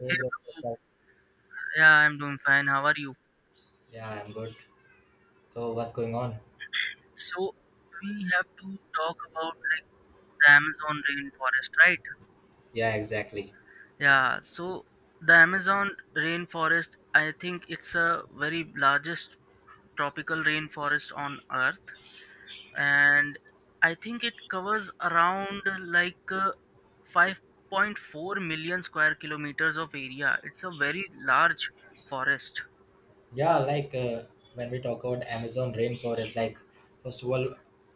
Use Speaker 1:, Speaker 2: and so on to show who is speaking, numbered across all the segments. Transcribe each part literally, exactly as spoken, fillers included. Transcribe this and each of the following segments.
Speaker 1: Hey
Speaker 2: Hey
Speaker 1: bro, what's
Speaker 2: bro,
Speaker 1: up?
Speaker 2: yeah, I'm doing fine. How are you?
Speaker 1: Yeah, I'm good. So what's going on?
Speaker 2: So we have to talk about the Amazon rainforest, right?
Speaker 1: Yeah, exactly.
Speaker 2: Yeah, so the Amazon rainforest, I think it's a very largest tropical rainforest on Earth, and I think it covers around like uh, five point four million square kilometers of area. It's a very large forest.
Speaker 1: Yeah, like uh, when we talk about Amazon rainforest, like first of all,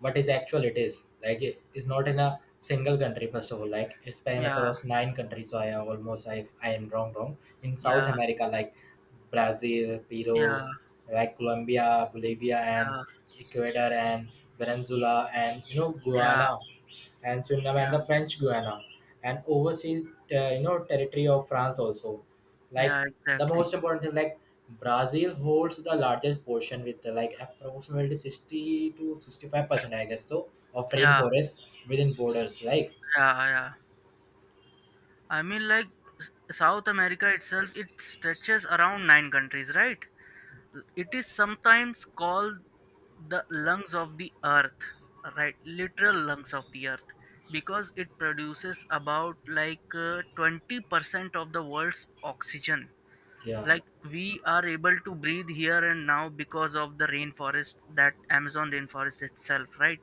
Speaker 1: what is actual it is like it- it's not in a single country. First of all, like it's span
Speaker 2: Yeah,
Speaker 1: across nine countries. So I almost I I am wrong wrong in South
Speaker 2: yeah,
Speaker 1: America like Brazil, Peru,
Speaker 2: yeah,
Speaker 1: like Colombia, Bolivia, and
Speaker 2: yeah,
Speaker 1: Ecuador and Venezuela and you know
Speaker 2: yeah,
Speaker 1: Guyana and Suriname and
Speaker 2: yeah,
Speaker 1: the French Guiana and overseas uh, you know territory of France also. Like
Speaker 2: yeah,
Speaker 1: the
Speaker 2: exactly.
Speaker 1: most important thing, like Brazil holds the largest portion with uh, like approximately sixty to sixty-five percent I guess so of
Speaker 2: Yeah,
Speaker 1: rainforest within borders like
Speaker 2: yeah, yeah. I mean, like S- South America itself, it stretches around nine countries, right? L- It is sometimes called the lungs of the earth, right? Literal lungs of the earth, because it produces about like uh, twenty percent of the world's oxygen.
Speaker 1: yeah,
Speaker 2: Like we are able to breathe here and now because of the rainforest, that Amazon rainforest itself, right?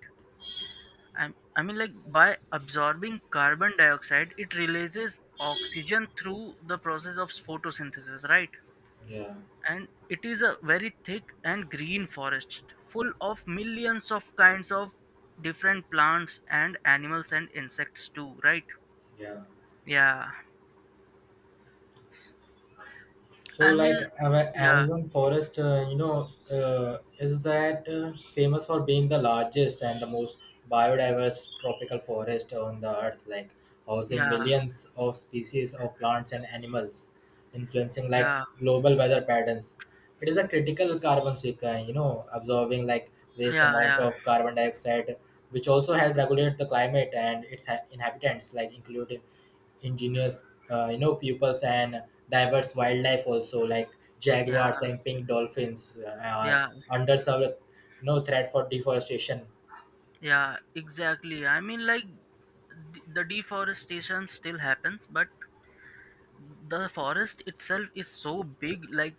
Speaker 2: I, I mean, like by absorbing carbon dioxide, it releases oxygen through the process of photosynthesis, right?
Speaker 1: yeah,
Speaker 2: And it is a very thick and green forest full of millions of kinds of different plants and animals and insects too, right?
Speaker 1: yeah.
Speaker 2: Yeah.
Speaker 1: So,
Speaker 2: I mean,
Speaker 1: like Ama-
Speaker 2: yeah,
Speaker 1: Amazon forest, uh, you know, uh, is that uh, famous for being the largest and the most biodiverse tropical forest on the earth, like housing
Speaker 2: yeah,
Speaker 1: millions of species of plants and animals, influencing like
Speaker 2: yeah,
Speaker 1: global weather patterns. It is a critical carbon sink, uh, you know, absorbing like waste
Speaker 2: yeah,
Speaker 1: amount
Speaker 2: yeah,
Speaker 1: of carbon dioxide, which also help regulate the climate and its ha- inhabitants, like including ingenious uh, you know pupils and diverse wildlife also like
Speaker 2: yeah,
Speaker 1: jaguars and pink dolphins uh, are
Speaker 2: yeah,
Speaker 1: under some you know threat for deforestation.
Speaker 2: yeah, exactly. I mean, like, d- the deforestation still happens, but the forest itself is so big like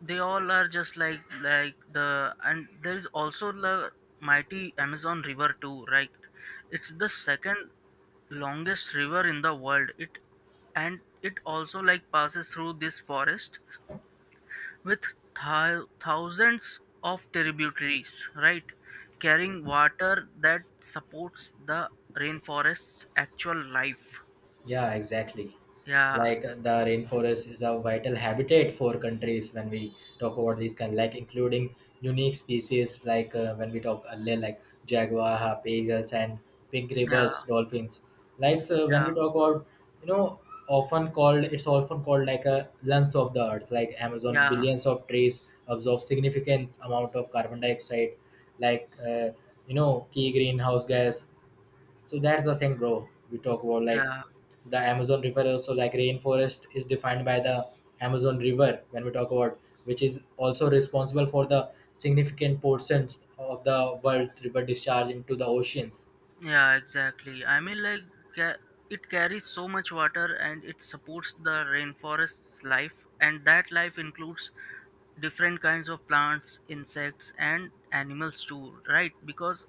Speaker 2: they all are just like like the and there's also the mighty amazon river too, right? It's the second longest river in the world. It and it also like passes through this forest with thou thousands of tributaries, right? Carrying water that supports the rainforest's actual life.
Speaker 1: Yeah, exactly.
Speaker 2: yeah
Speaker 1: Like uh, the rainforest is a vital habitat for countries when we talk about these kind, like including unique species, like uh, when we talk earlier, like jaguar, harp eagles, and pink
Speaker 2: yeah
Speaker 1: rivers dolphins. Like so, when we
Speaker 2: yeah
Speaker 1: talk about, you know, often called it's often called like a lungs of the earth. Like Amazon,
Speaker 2: yeah
Speaker 1: billions of trees absorb significant amount of carbon dioxide, like uh, you know, key greenhouse gas, so that's the thing bro, we talk about like
Speaker 2: yeah
Speaker 1: the Amazon river also, like rainforest is defined by the Amazon river when we talk about, which is also responsible for the significant portions of the world river discharge into the oceans.
Speaker 2: Yeah, exactly. I mean, like, ca- it carries so much water and it supports the rainforest's life, and that life includes different kinds of plants, insects, and animals too, right? Because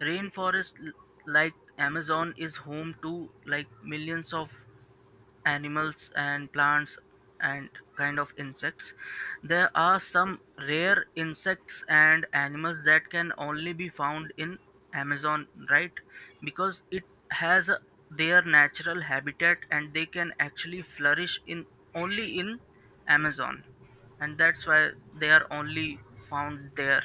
Speaker 2: rainforest l- like Amazon is home to like millions of animals and plants and kind of insects. There are some rare insects and animals that can only be found in Amazon, right? Because it has a- their natural habitat and they can actually flourish in only in Amazon, and that's why they are only found there.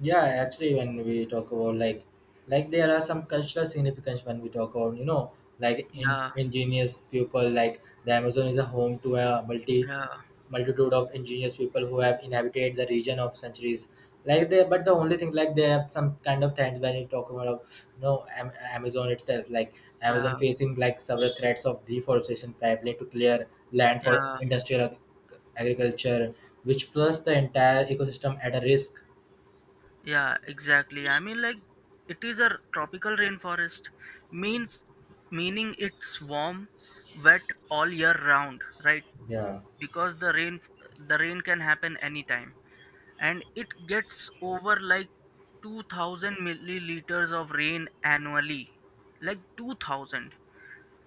Speaker 1: Yeah, actually, when we talk about like, like there are some cultural significance when we talk about you know like in,
Speaker 2: Yeah,
Speaker 1: ingenious people, like the Amazon is a home to a multi
Speaker 2: yeah,
Speaker 1: multitude of ingenious people who have inhabited the region of centuries. Like they, but the only thing like they have some kind of threats when you talk about you know Am- Amazon itself. Like Amazon
Speaker 2: yeah,
Speaker 1: facing like several threats of deforestation, primarily to clear land for
Speaker 2: yeah.
Speaker 1: industrial ag- agriculture, which plus the entire ecosystem at a risk.
Speaker 2: Yeah, exactly. I mean, like, it is a tropical rainforest, means meaning it's warm, wet all year round, right?
Speaker 1: Yeah.
Speaker 2: Because the rain the rain can happen anytime, and it gets over like 2000 milliliters of rain annually, like two thousand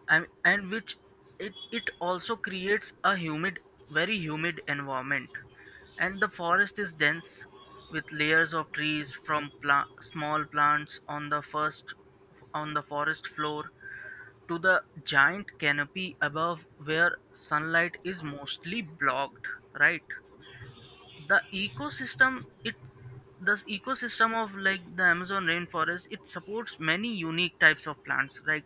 Speaker 2: and, and which it, it also creates a humid very humid environment, and the forest is dense with layers of trees from pla- small plants on the first on the forest floor to the giant canopy above where sunlight is mostly blocked, right? The ecosystem it the ecosystem of like the amazon rainforest, it supports many unique types of plants like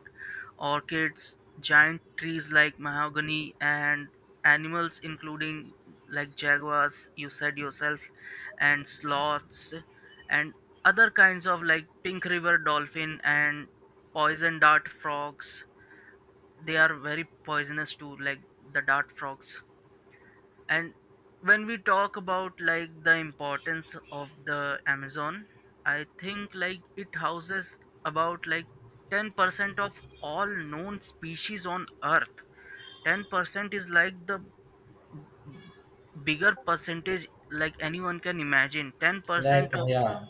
Speaker 2: orchids, giant trees like mahogany, and animals including like jaguars, you said yourself, and sloths, and other kinds of like pink river dolphin and poison dart frogs. They are very poisonous too, like the dart frogs. And when we talk about like the importance of the amazon, I think like it houses about like ten percent of all known species on earth. ten percent is like the bigger percentage like anyone can imagine. ten percent
Speaker 1: Like
Speaker 2: of
Speaker 1: yeah,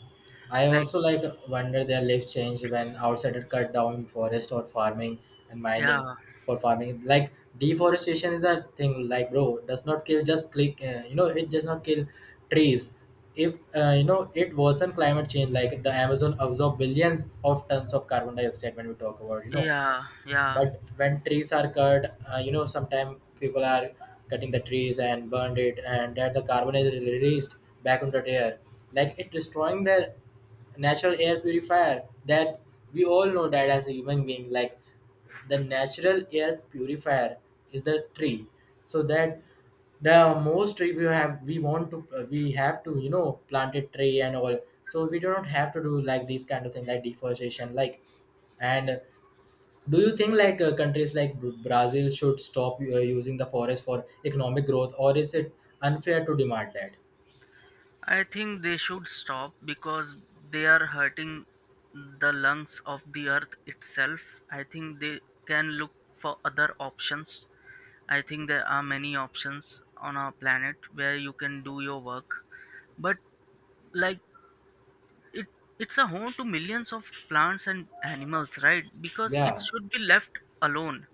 Speaker 1: I
Speaker 2: like.
Speaker 1: also like wonder their life change when outsiders cut down forest or farming and mining
Speaker 2: yeah
Speaker 1: for farming. Like deforestation is a thing. Like bro, does not kill just click. Uh, you know, it does not kill trees. If uh, you know, it worsen climate change, like the Amazon absorb billions of tons of carbon dioxide when we talk about you know,
Speaker 2: yeah yeah
Speaker 1: but when trees are cut uh, you know, sometimes people are cutting the trees and burned it, and that the carbon is released back into the air, like it destroying the natural air purifier that we all know that as a human being, like the natural air purifier is the tree. So that the most tree we have, we want to uh, we have to you know plant a tree and all, so we do not have to do like these kind of thing like deforestation like. And do you think like uh, countries like Br- Brazil should stop uh, using the forest for economic growth, or is it unfair to demand that?
Speaker 2: I think they should stop because they are hurting the lungs of the earth itself. I think they can look for other options. I think there are many options on our planet where you can do your work, but like it, it's a home to millions of plants and animals, right? Because it
Speaker 1: Yeah.
Speaker 2: should be left alone,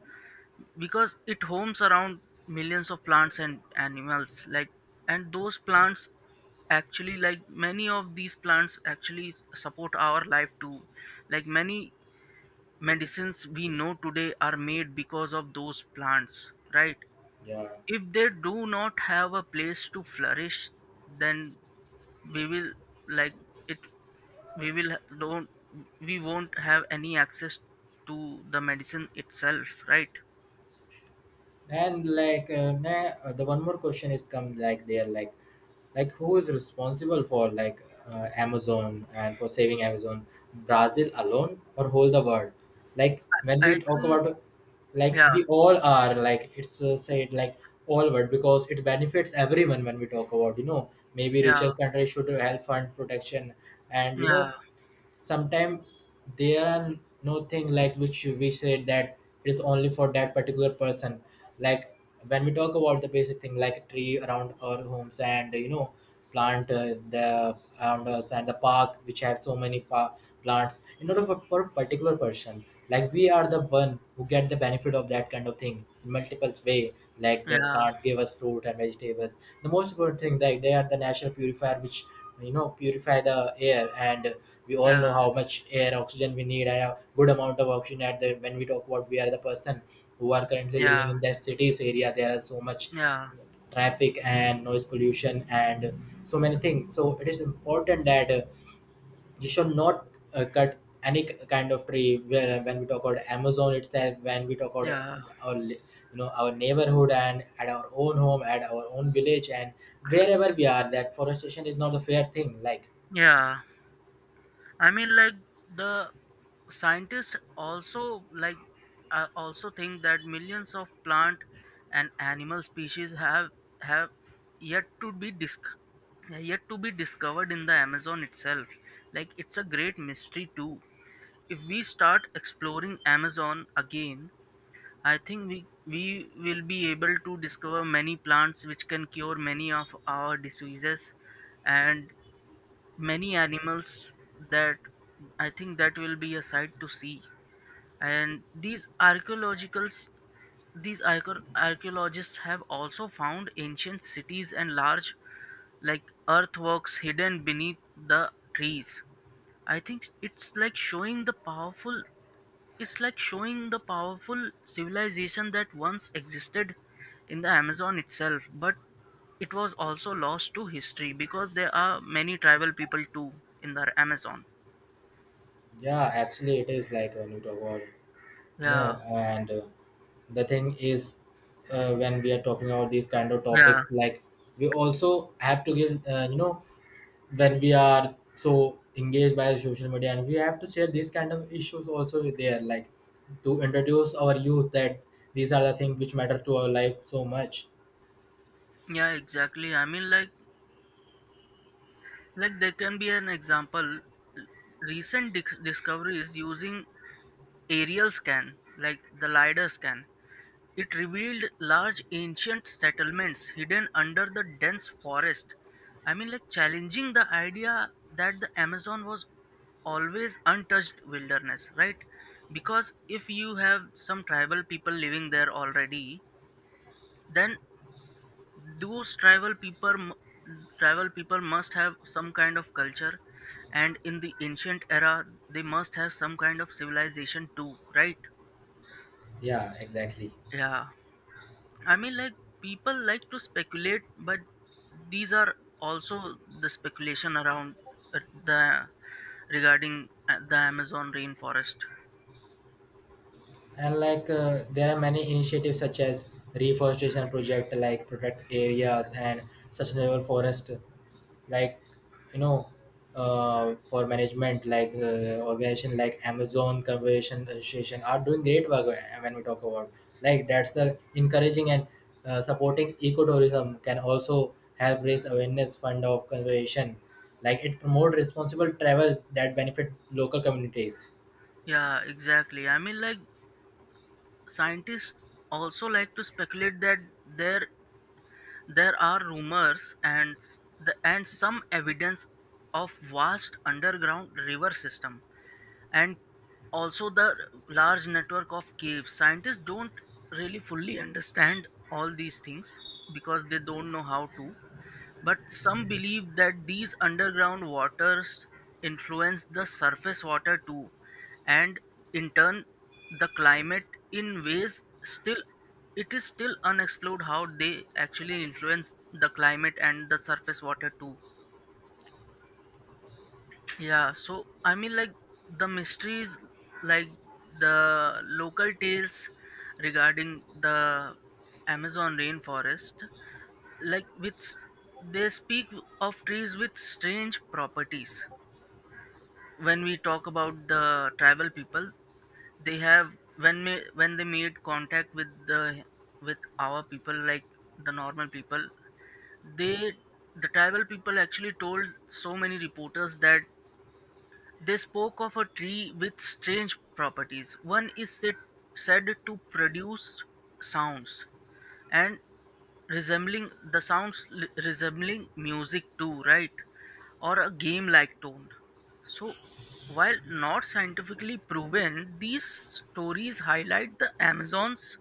Speaker 2: because it homes around millions of plants and animals, like, and those plants actually, like many of these plants actually s- support our life too. Like many medicines we know today are made because of those plants, right?
Speaker 1: Yeah.
Speaker 2: If they do not have a place to flourish, then we will like it, we will ha- don't we won't have any access to the medicine itself, right?
Speaker 1: And like uh, na- uh, the one more question is come, like there, like like who is responsible for like uh, Amazon and for saving Amazon, Brazil alone or whole the world? Like when
Speaker 2: I
Speaker 1: we talk
Speaker 2: think
Speaker 1: about, like
Speaker 2: yeah
Speaker 1: we all are like it's uh, said like all world because it benefits everyone when we talk about you know maybe
Speaker 2: yeah
Speaker 1: richer countries should help fund protection and you know
Speaker 2: yeah
Speaker 1: sometimes there are no thing like which we say that it is only for that particular person, like when we talk about the basic thing like tree around our homes, and you know plant uh, the around us, and the park which have so many pa- plants in order for, for a particular person, like we are the one who get the benefit of that kind of thing in multiple way, like the
Speaker 2: yeah
Speaker 1: plants give us fruit and vegetables. The most important thing like they are the natural purifier which you know purify the air, and we all know
Speaker 2: yeah
Speaker 1: how much air oxygen we need, and a good amount of oxygen at the when we talk about we are the person who are currently living
Speaker 2: yeah
Speaker 1: in the cities area, there are so much
Speaker 2: yeah
Speaker 1: traffic and noise pollution and so many things, so it is important that uh, you should not uh, cut any k- kind of tree. Well, when we talk about Amazon itself, when we talk about
Speaker 2: yeah
Speaker 1: uh, our li- you know our neighborhood and at our own home at our own village and wherever we are, that forestation is not a fair thing like.
Speaker 2: yeah I mean, like the scientists also like uh, also think that millions of plant and animal species have have yet to be disc yet to be discovered in the Amazon itself. Like it's a great mystery too. If we start exploring Amazon again, I think we we will be able to discover many plants which can cure many of our diseases and many animals that I think that will be a sight to see. And these archaeologicals, these archeo- archaeologists have also found ancient cities and large like earthworks hidden beneath the trees. I think it's like showing the powerful it's like showing the powerful civilization that once existed in the Amazon itself, but it was also lost to history because there are many tribal people too in the Amazon.
Speaker 1: Yeah, actually it is like when you talk about you
Speaker 2: Yeah,
Speaker 1: know and uh, the thing is uh, when we are talking about these kind of
Speaker 2: yeah,
Speaker 1: topics like we also have to give uh, you know when we are so engaged by social media, and we have to share these kind of issues also with there, like to introduce our youth that these are the things which matter to our life so much.
Speaker 2: yeah, exactly. I mean, like, like there can be an example. Recent dic- discoveries using aerial scan, like the LiDAR scan. It revealed large ancient settlements hidden under the dense forest. I mean, like challenging the idea that the Amazon was always untouched wilderness, right? Because if you have some tribal people living there already, then those tribal people, mu- tribal people must have some kind of culture, and in the ancient era, they must have some kind of civilization too, right?
Speaker 1: Yeah, exactly.
Speaker 2: Yeah. I mean, like people like to speculate, but these are also the speculation around uh, the regarding uh, the Amazon rainforest.
Speaker 1: And like uh, there are many initiatives such as reforestation project, like protect areas and sustainable forest like you know uh, for management like uh, organization like Amazon Conservation Association are doing great work uh, when we talk about, like that's the encouraging, and uh, supporting ecotourism can also help raise awareness fund of conservation, like it promote responsible travel that benefit local communities.
Speaker 2: Yeah, exactly. I mean, like scientists also like to speculate that there there are rumors and s- the and some evidence of vast underground river system, and also the large network of caves. Scientists don't really fully understand all these things because they don't know how to, but some believe that these underground waters influence the surface water too, and in turn the climate in ways still. It is still unexplored how they actually influence the climate and the surface water too. Yeah, so I mean, like the mysteries, like the local tales regarding the Amazon rainforest, like which they speak of trees with strange properties. When we talk about the tribal people, they have when me, when they made contact with the with our people, like the normal people, they the tribal people actually told so many reporters that they spoke of a tree with strange properties. One is said, said to produce sounds and resembling the sounds li- resembling music too, right? Or a game-like tone. So, while not scientifically proven, these stories highlight the Amazon's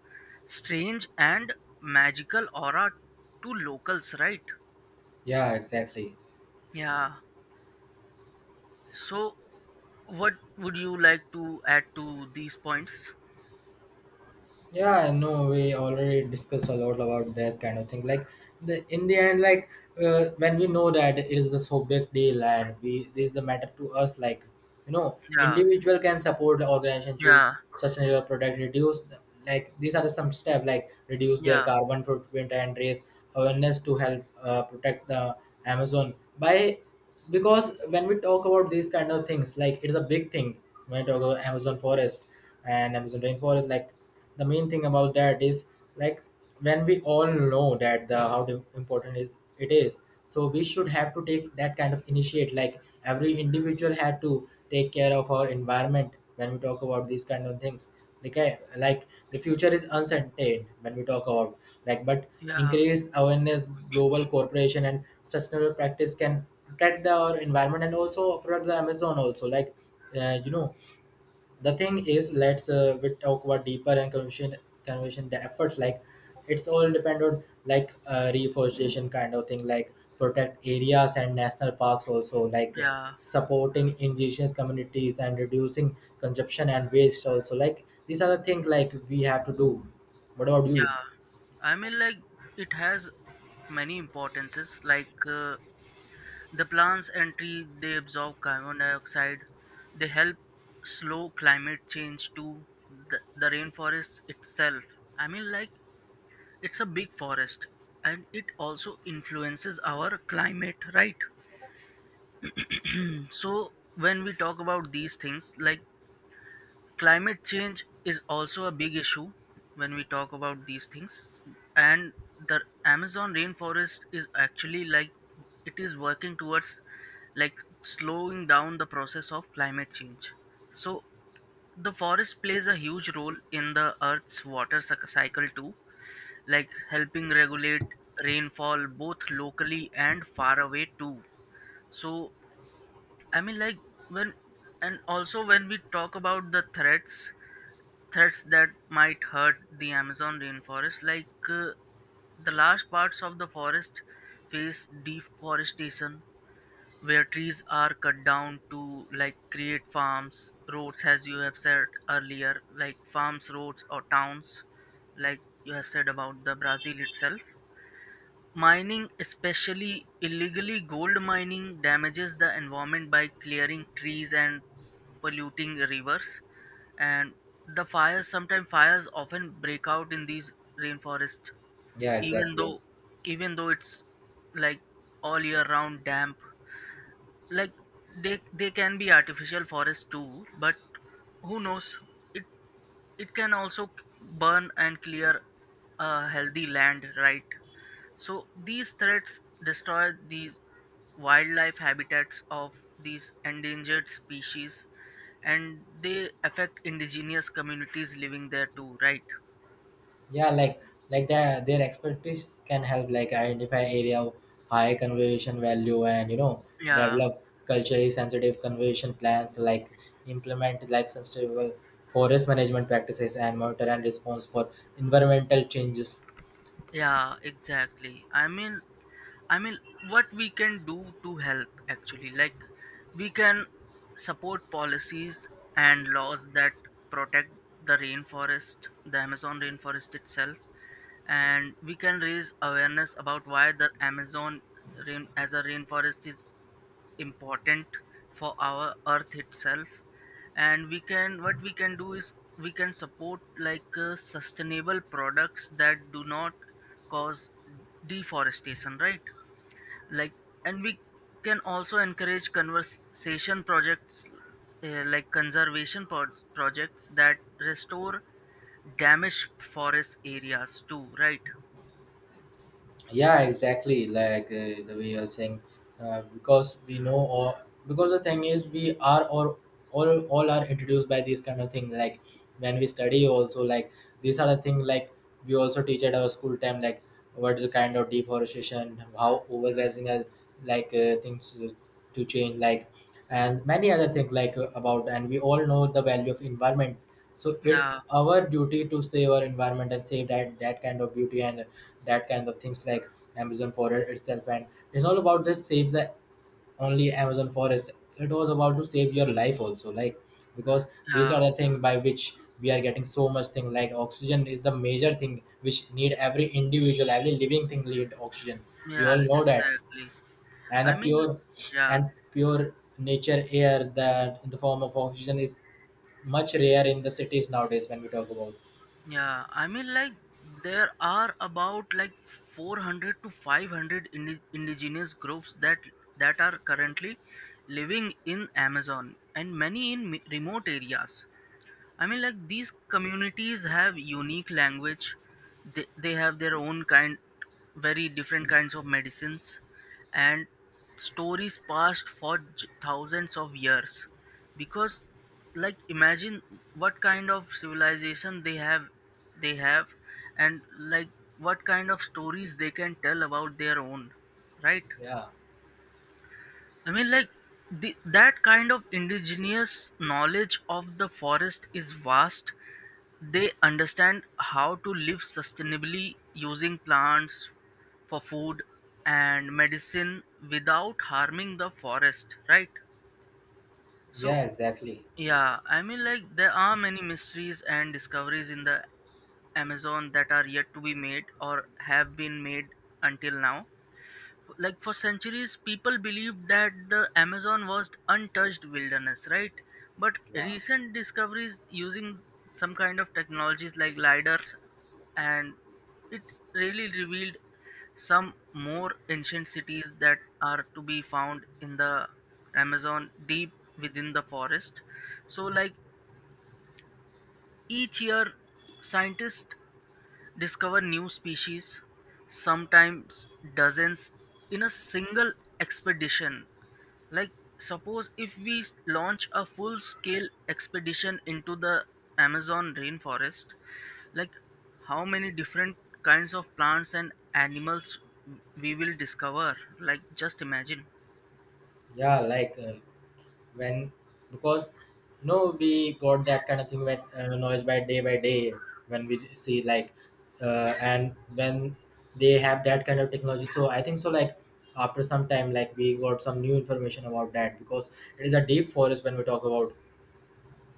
Speaker 2: strange and magical aura to locals, right?
Speaker 1: Yeah, exactly.
Speaker 2: Yeah. So, what would you like to add to these points?
Speaker 1: Yeah, I know we already discussed a lot about that kind of thing. Like the in the end, like uh, when we know that it is the so big deal and we this is the matter to us. Like you know,
Speaker 2: Yeah,
Speaker 1: individual can support the organization, choose
Speaker 2: yeah,
Speaker 1: sustainable product, reduce the- like these are the some step like reduce their
Speaker 2: yeah,
Speaker 1: carbon footprint and raise awareness to help uh, protect the Amazon by, because when we talk about these kind of things, like it is a big thing when we talk about Amazon forest and Amazon rainforest, like the main thing about that is like when we all know that the how de- important it, it is, so we should have to take that kind of initiate like every individual had to take care of our environment when we talk about these kind of things like I, like the future is uncertain when we talk about like, but
Speaker 2: yeah,
Speaker 1: increased awareness global cooperation and sustainable practice can protect the, our environment and also protect the Amazon also like uh, you know the thing is, let's uh, we talk about deeper and conversion conversion the effort, like it's all depend on like uh, reforestation kind of thing like protect areas and national parks also like
Speaker 2: yeah,
Speaker 1: supporting indigenous communities and reducing consumption and waste also, like these are the things like we have to do. What about you?
Speaker 2: yeah. I mean, like, it has many importances. Like, uh, the plants and tree, they absorb carbon dioxide. They help slow climate change too. The, the rainforest itself. I mean, like, it's a big forest and it also influences our climate, right? So, when we talk about these things, like, climate change is also a big issue when we talk about these things, and the Amazon rainforest is actually like it is working towards like slowing down the process of climate change. So the forest plays a huge role in the Earth's water cyc- cycle too, like helping regulate rainfall both locally and far away too. So I mean like when and also when we talk about the threats threats that might hurt the Amazon rainforest, like uh, the large parts of the forest face deforestation where trees are cut down to like create farms, roads, as you have said earlier, like farms, roads, or towns, like you have said about the brazil itself. Mining, especially illegally gold mining, damages the environment by clearing trees and polluting rivers. And the fires, sometimes fires often break out in these rainforests,
Speaker 1: Yeah,
Speaker 2: even
Speaker 1: exactly.
Speaker 2: though even though it's like all year round damp. Like they they can be artificial forests too, but who knows? It it can also c- burn and clear a healthy land, right? So these threats destroy these wildlife habitats of these endangered species, and they affect indigenous communities living there too, right?
Speaker 1: Yeah, like like their their expertise can help like identify area of high conservation value and you know
Speaker 2: yeah
Speaker 1: develop culturally sensitive conservation plans, like implement like sustainable forest management practices and monitor and response for environmental changes.
Speaker 2: Yeah, exactly. I mean, I mean, what we can do to help actually, like we can support policies and laws that protect the rainforest, the Amazon rainforest itself, and we can raise awareness about why the Amazon rain as a rainforest is important for our earth itself. And we can what we can do is we can support like uh, sustainable products that do not cause deforestation, right? Like, and we can also encourage conversation projects, uh, like conservation pro- projects that restore damaged forest areas too, right?
Speaker 1: Yeah, exactly. Like uh, the way you're saying uh, because we know all, because the thing is we are or all all are introduced by this kind of thing like when we study also, like these are the thing like we also teach at our school time like what is the kind of deforestation, how overgrazing are like uh, things to to change like, and many other things like uh, about, and we all know the value of environment, so it
Speaker 2: yeah
Speaker 1: our duty to save our environment and save that that kind of beauty and that kind of things, like Amazon forest itself. And it's not about just save the only Amazon forest, it was about to save your life also, like because these are
Speaker 2: yeah
Speaker 1: the thing by which we are getting so much thing like oxygen is the major thing which need every individual, every living thing need oxygen. We all
Speaker 2: yeah
Speaker 1: know that.
Speaker 2: exactly
Speaker 1: And a
Speaker 2: i mean
Speaker 1: pure,
Speaker 2: yeah
Speaker 1: and pure nature air that in the form of oxygen is much rare in the cities nowadays when we talk about.
Speaker 2: Yeah, I mean, like, there are about like four hundred to five hundred indi- indigenous groups that that are currently living in Amazon and many in mi- remote areas. I mean, like these communities have unique language. They, they have their own kind, very different kinds of medicines, and stories passed for j- thousands of years. Because, like, imagine what kind of civilization they have, they have, and like what kind of stories they can tell about their own, right?
Speaker 1: Yeah.
Speaker 2: I mean, like the, that kind of indigenous knowledge of the forest is vast. They understand how to live sustainably using plants for food and medicine without harming the forest, right? So,
Speaker 1: Yeah, exactly.
Speaker 2: yeah, I mean, like there are many mysteries and discoveries in the Amazon that are yet to be made or have been made until now. Like for centuries people believed that the Amazon was untouched wilderness, right? But
Speaker 1: Yeah,
Speaker 2: recent discoveries using some kind of technologies like lidar and it really revealed some more ancient cities that are to be found in the Amazon deep within the forest. So like each year scientists discover new species, sometimes dozens, in a single expedition. Like, suppose if we s- launch a full scale expedition into the Amazon rainforest, like, how many different kinds of plants and animals w- we will discover? Like, just imagine.
Speaker 1: yeah, like uh, when, because no, we got that kind of thing when uh, noise by day by day when we see like uh, and when they have that kind of technology, so I think so, like after some time like we got some new information about that, because it is a deep forest when we talk about.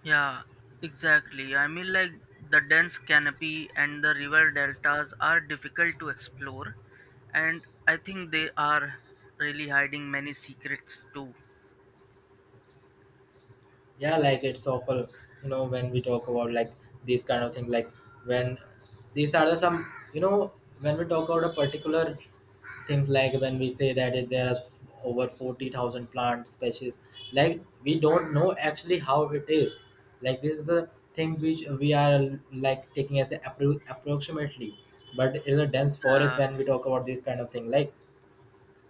Speaker 2: Yeah, exactly. I mean, like the dense canopy and the river deltas are difficult to explore, and I think they are really hiding many secrets too.
Speaker 1: Yeah, like it's awful, you know when we talk about like these kind of things, like when these are the some, you know when we talk about a particular things, like when we say that it- there are over forty thousand plant species. Like we don't know actually how it is. Like this is the thing which we are like taking as a appro- approximately, but it's a dense forest
Speaker 2: Yeah,
Speaker 1: when we talk about this kind of thing. Like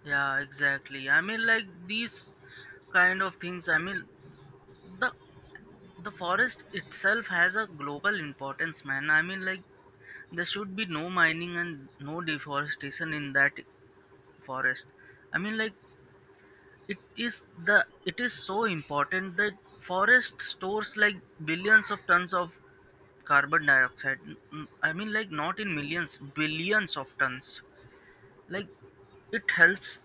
Speaker 2: yeah, exactly. I mean, like these kind of things. I mean, the the forest itself has a global importance, man. I mean, like there should be no mining and no deforestation in that forest. I mean, like It is the it is so important that forest stores like billions of tons of carbon dioxide. N- n- I mean, like not in millions, billions of tons. Like it helps,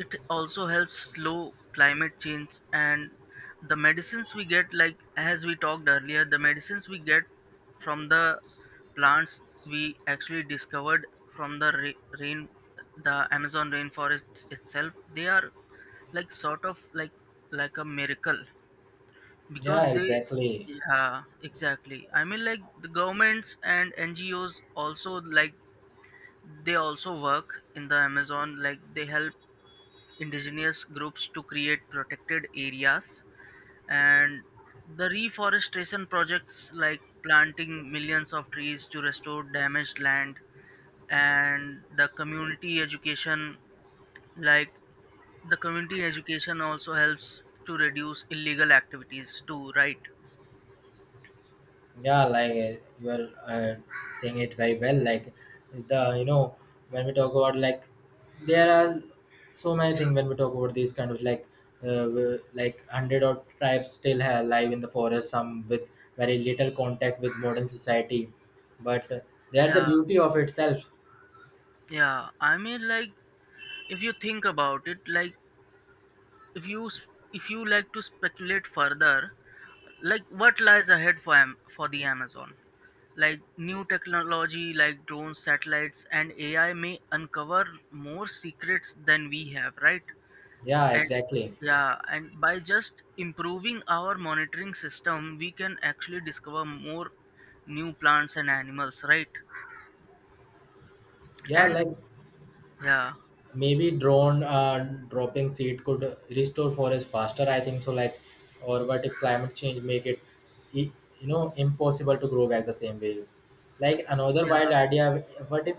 Speaker 2: it also helps slow climate change. And the medicines we get, like as we talked earlier, the medicines we get from the plants we actually discovered from the ra- rain the Amazon rainforest itself, they are like sort of like like a miracle
Speaker 1: yeah,
Speaker 2: because they,
Speaker 1: exactly.
Speaker 2: yeah, exactly. I mean, like the governments and N G Os also, like they also work in the Amazon, like they help indigenous groups to create protected areas and the reforestation projects like planting millions of trees to restore damaged land. And the community education, like the community education also helps to reduce illegal activities too, right?
Speaker 1: Yeah, like uh, you are uh, saying it very well. Like the, you know when we talk about, like there are so many things when we talk about these kind of, like uh, w- like hundred odd tribes still ha- alive in the forest, some with very little contact with modern society, but uh, they are the
Speaker 2: Yeah,
Speaker 1: beauty of itself.
Speaker 2: yeah. I mean, like if you think about it, like if you s- if you like to speculate further, like what lies ahead for Am- for the Amazon. Like new technology like drones, satellites and A I may uncover more secrets than we have, right?
Speaker 1: Yeah,
Speaker 2: And
Speaker 1: exactly.
Speaker 2: yeah, and by just improving our monitoring system we can actually discover more new plants and animals, right?
Speaker 1: Yeah,
Speaker 2: And
Speaker 1: like
Speaker 2: yeah,
Speaker 1: maybe drone uh, dropping seed could restore forest faster, I think so. Like or what if climate change make it i- you know impossible to grow back the same way. Like another
Speaker 2: yeah,
Speaker 1: wild idea, what if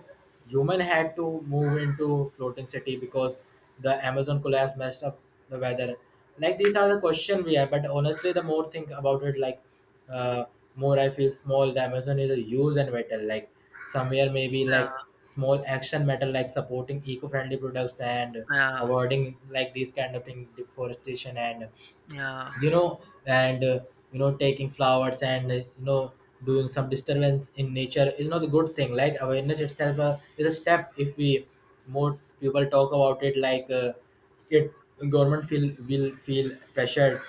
Speaker 1: human had to move into floating city because the Amazon collapse messed up the weather. Like these are the question we have, but honestly the more think about it, like uh, more I feel small. The Amazon is a huge and vital. Like somewhere maybe
Speaker 2: yeah,
Speaker 1: like small action matter, like supporting eco-friendly products and
Speaker 2: yeah,
Speaker 1: avoiding like these kind of thing deforestation and,
Speaker 2: yeah,
Speaker 1: you know and uh, you know taking flowers and uh, you know doing some disturbance in nature is not a good thing. Like awareness itself uh, is a step if we more people talk about it, like uh, it government feel will feel pressured.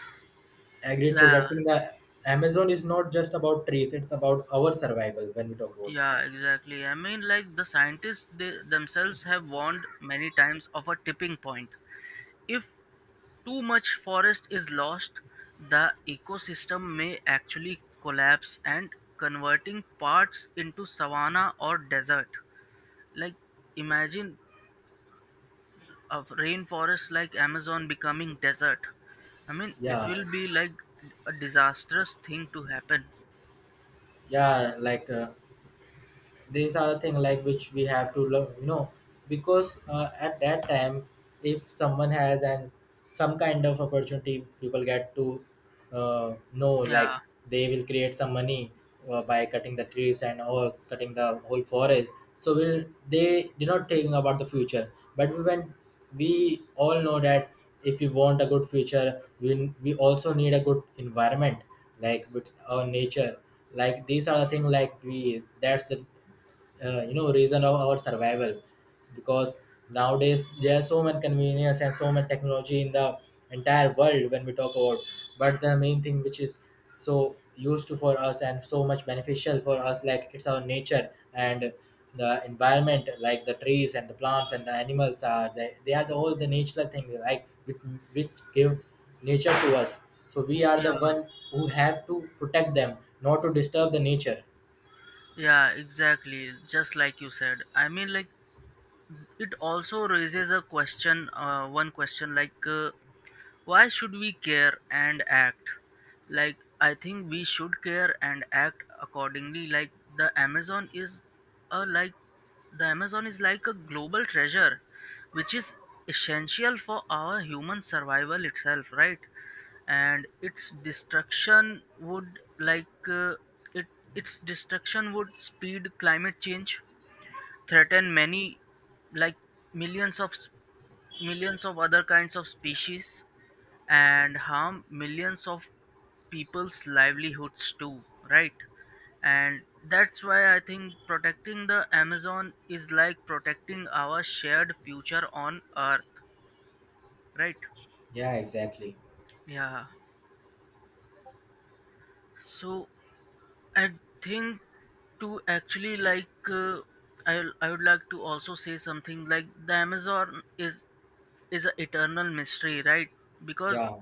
Speaker 1: Agreed.
Speaker 2: yeah,
Speaker 1: Protecting the Amazon is not just about trees; it's about our survival when we talk about.
Speaker 2: yeah, exactly. I mean, like the scientists they themselves have warned many times of a tipping point. If too much forest is lost, the ecosystem may actually collapse and converting parts into savanna or desert. Like imagine a rainforest like Amazon becoming desert. I mean, it
Speaker 1: Yeah,
Speaker 2: will be like a disastrous thing to happen.
Speaker 1: yeah. Like uh, these are the thing like which we have to learn, you know because uh, at that time if someone has and some kind of opportunity people get to uh, know, like
Speaker 2: Yeah,
Speaker 1: they will create some money uh, by cutting the trees and all, cutting the whole forest, so will they did not think about the future. But when we all know that if we want a good future, we, we also need a good environment, like with our nature. Like these are the thing, like we, that's the uh, you know reason of our survival, because nowadays there are so much convenience and so much technology in the entire world when we talk about. But the main thing which is so useful for us and so much beneficial for us, like it's our nature and the environment, like the trees and the plants and the animals are, they, they are the all the natural thing like which, which give nature to us. So we are the
Speaker 2: yeah,
Speaker 1: one who have to protect them, not to disturb the nature.
Speaker 2: yeah, exactly. Just like you said. I mean, like it also raises a question, uh, one question, like, uh, why should we care and act? Like, I think we should care and act accordingly. Like, the Amazon is a like the Amazon is like a global treasure, which is essential for our human survival itself, right? And its destruction would like uh, it its destruction would speed climate change, threaten many, like, millions of s- millions of other kinds of species and harm millions of people's livelihoods too, right? And that's why I think protecting the Amazon is like protecting our shared future on earth, right?
Speaker 1: Yeah, exactly.
Speaker 2: Yeah. So I think, to actually like, uh, I, I would like to also say something like the Amazon is is an eternal mystery, right? Because
Speaker 1: Yeah.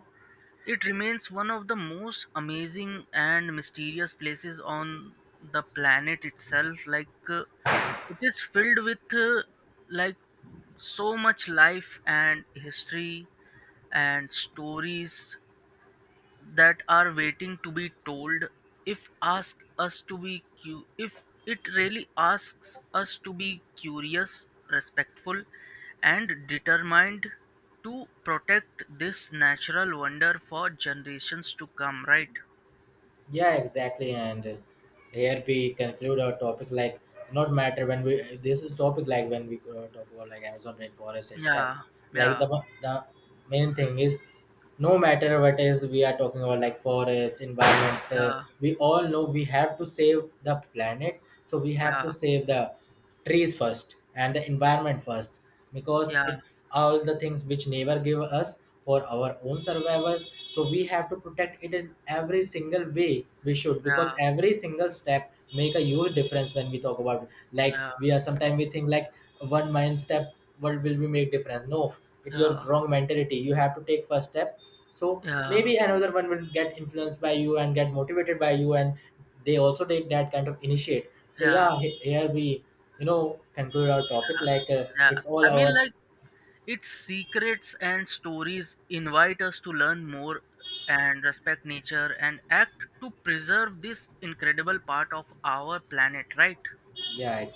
Speaker 2: it remains one of the most amazing and mysterious places on the planet itself. Like uh, it is filled with, uh, like, so much life and history and stories that are waiting to be told. If ask us to be cu- if it really asks us to be curious, respectful and determined to protect this natural wonder for generations to come, right?
Speaker 1: Yeah, exactly. And uh, here we conclude our topic, like not matter when we, this is topic like when we uh, talk about like Amazon rainforest itself.
Speaker 2: Yeah,
Speaker 1: Like the
Speaker 2: yeah,
Speaker 1: the main thing is, no matter what is we are talking about, like forest environment, uh,
Speaker 2: yeah,
Speaker 1: we all know we have to save the planet, so we have to
Speaker 2: yeah,
Speaker 1: save the trees first and the environment first, because it all the things which nature give us for our own survival, so we have to protect it in every single way we should, because
Speaker 2: yeah,
Speaker 1: every single step make a huge difference when we talk about.
Speaker 2: yeah,
Speaker 1: Like
Speaker 2: yeah,
Speaker 1: we are sometimes we think like one mind step, what will we make difference? No, it your
Speaker 2: yeah,
Speaker 1: wrong mentality, you have to take first step, so
Speaker 2: yeah,
Speaker 1: maybe another one will get influenced by you and get motivated by you and they also take that kind of initiate. So
Speaker 2: yeah,
Speaker 1: yeah, he- here we, you know conclude our topic, like uh,
Speaker 2: yeah.
Speaker 1: it's all
Speaker 2: I mean,
Speaker 1: our.
Speaker 2: like its secrets and stories invite us to learn more and respect nature and act to preserve this incredible part of our planet, right?
Speaker 1: Yeah, exactly.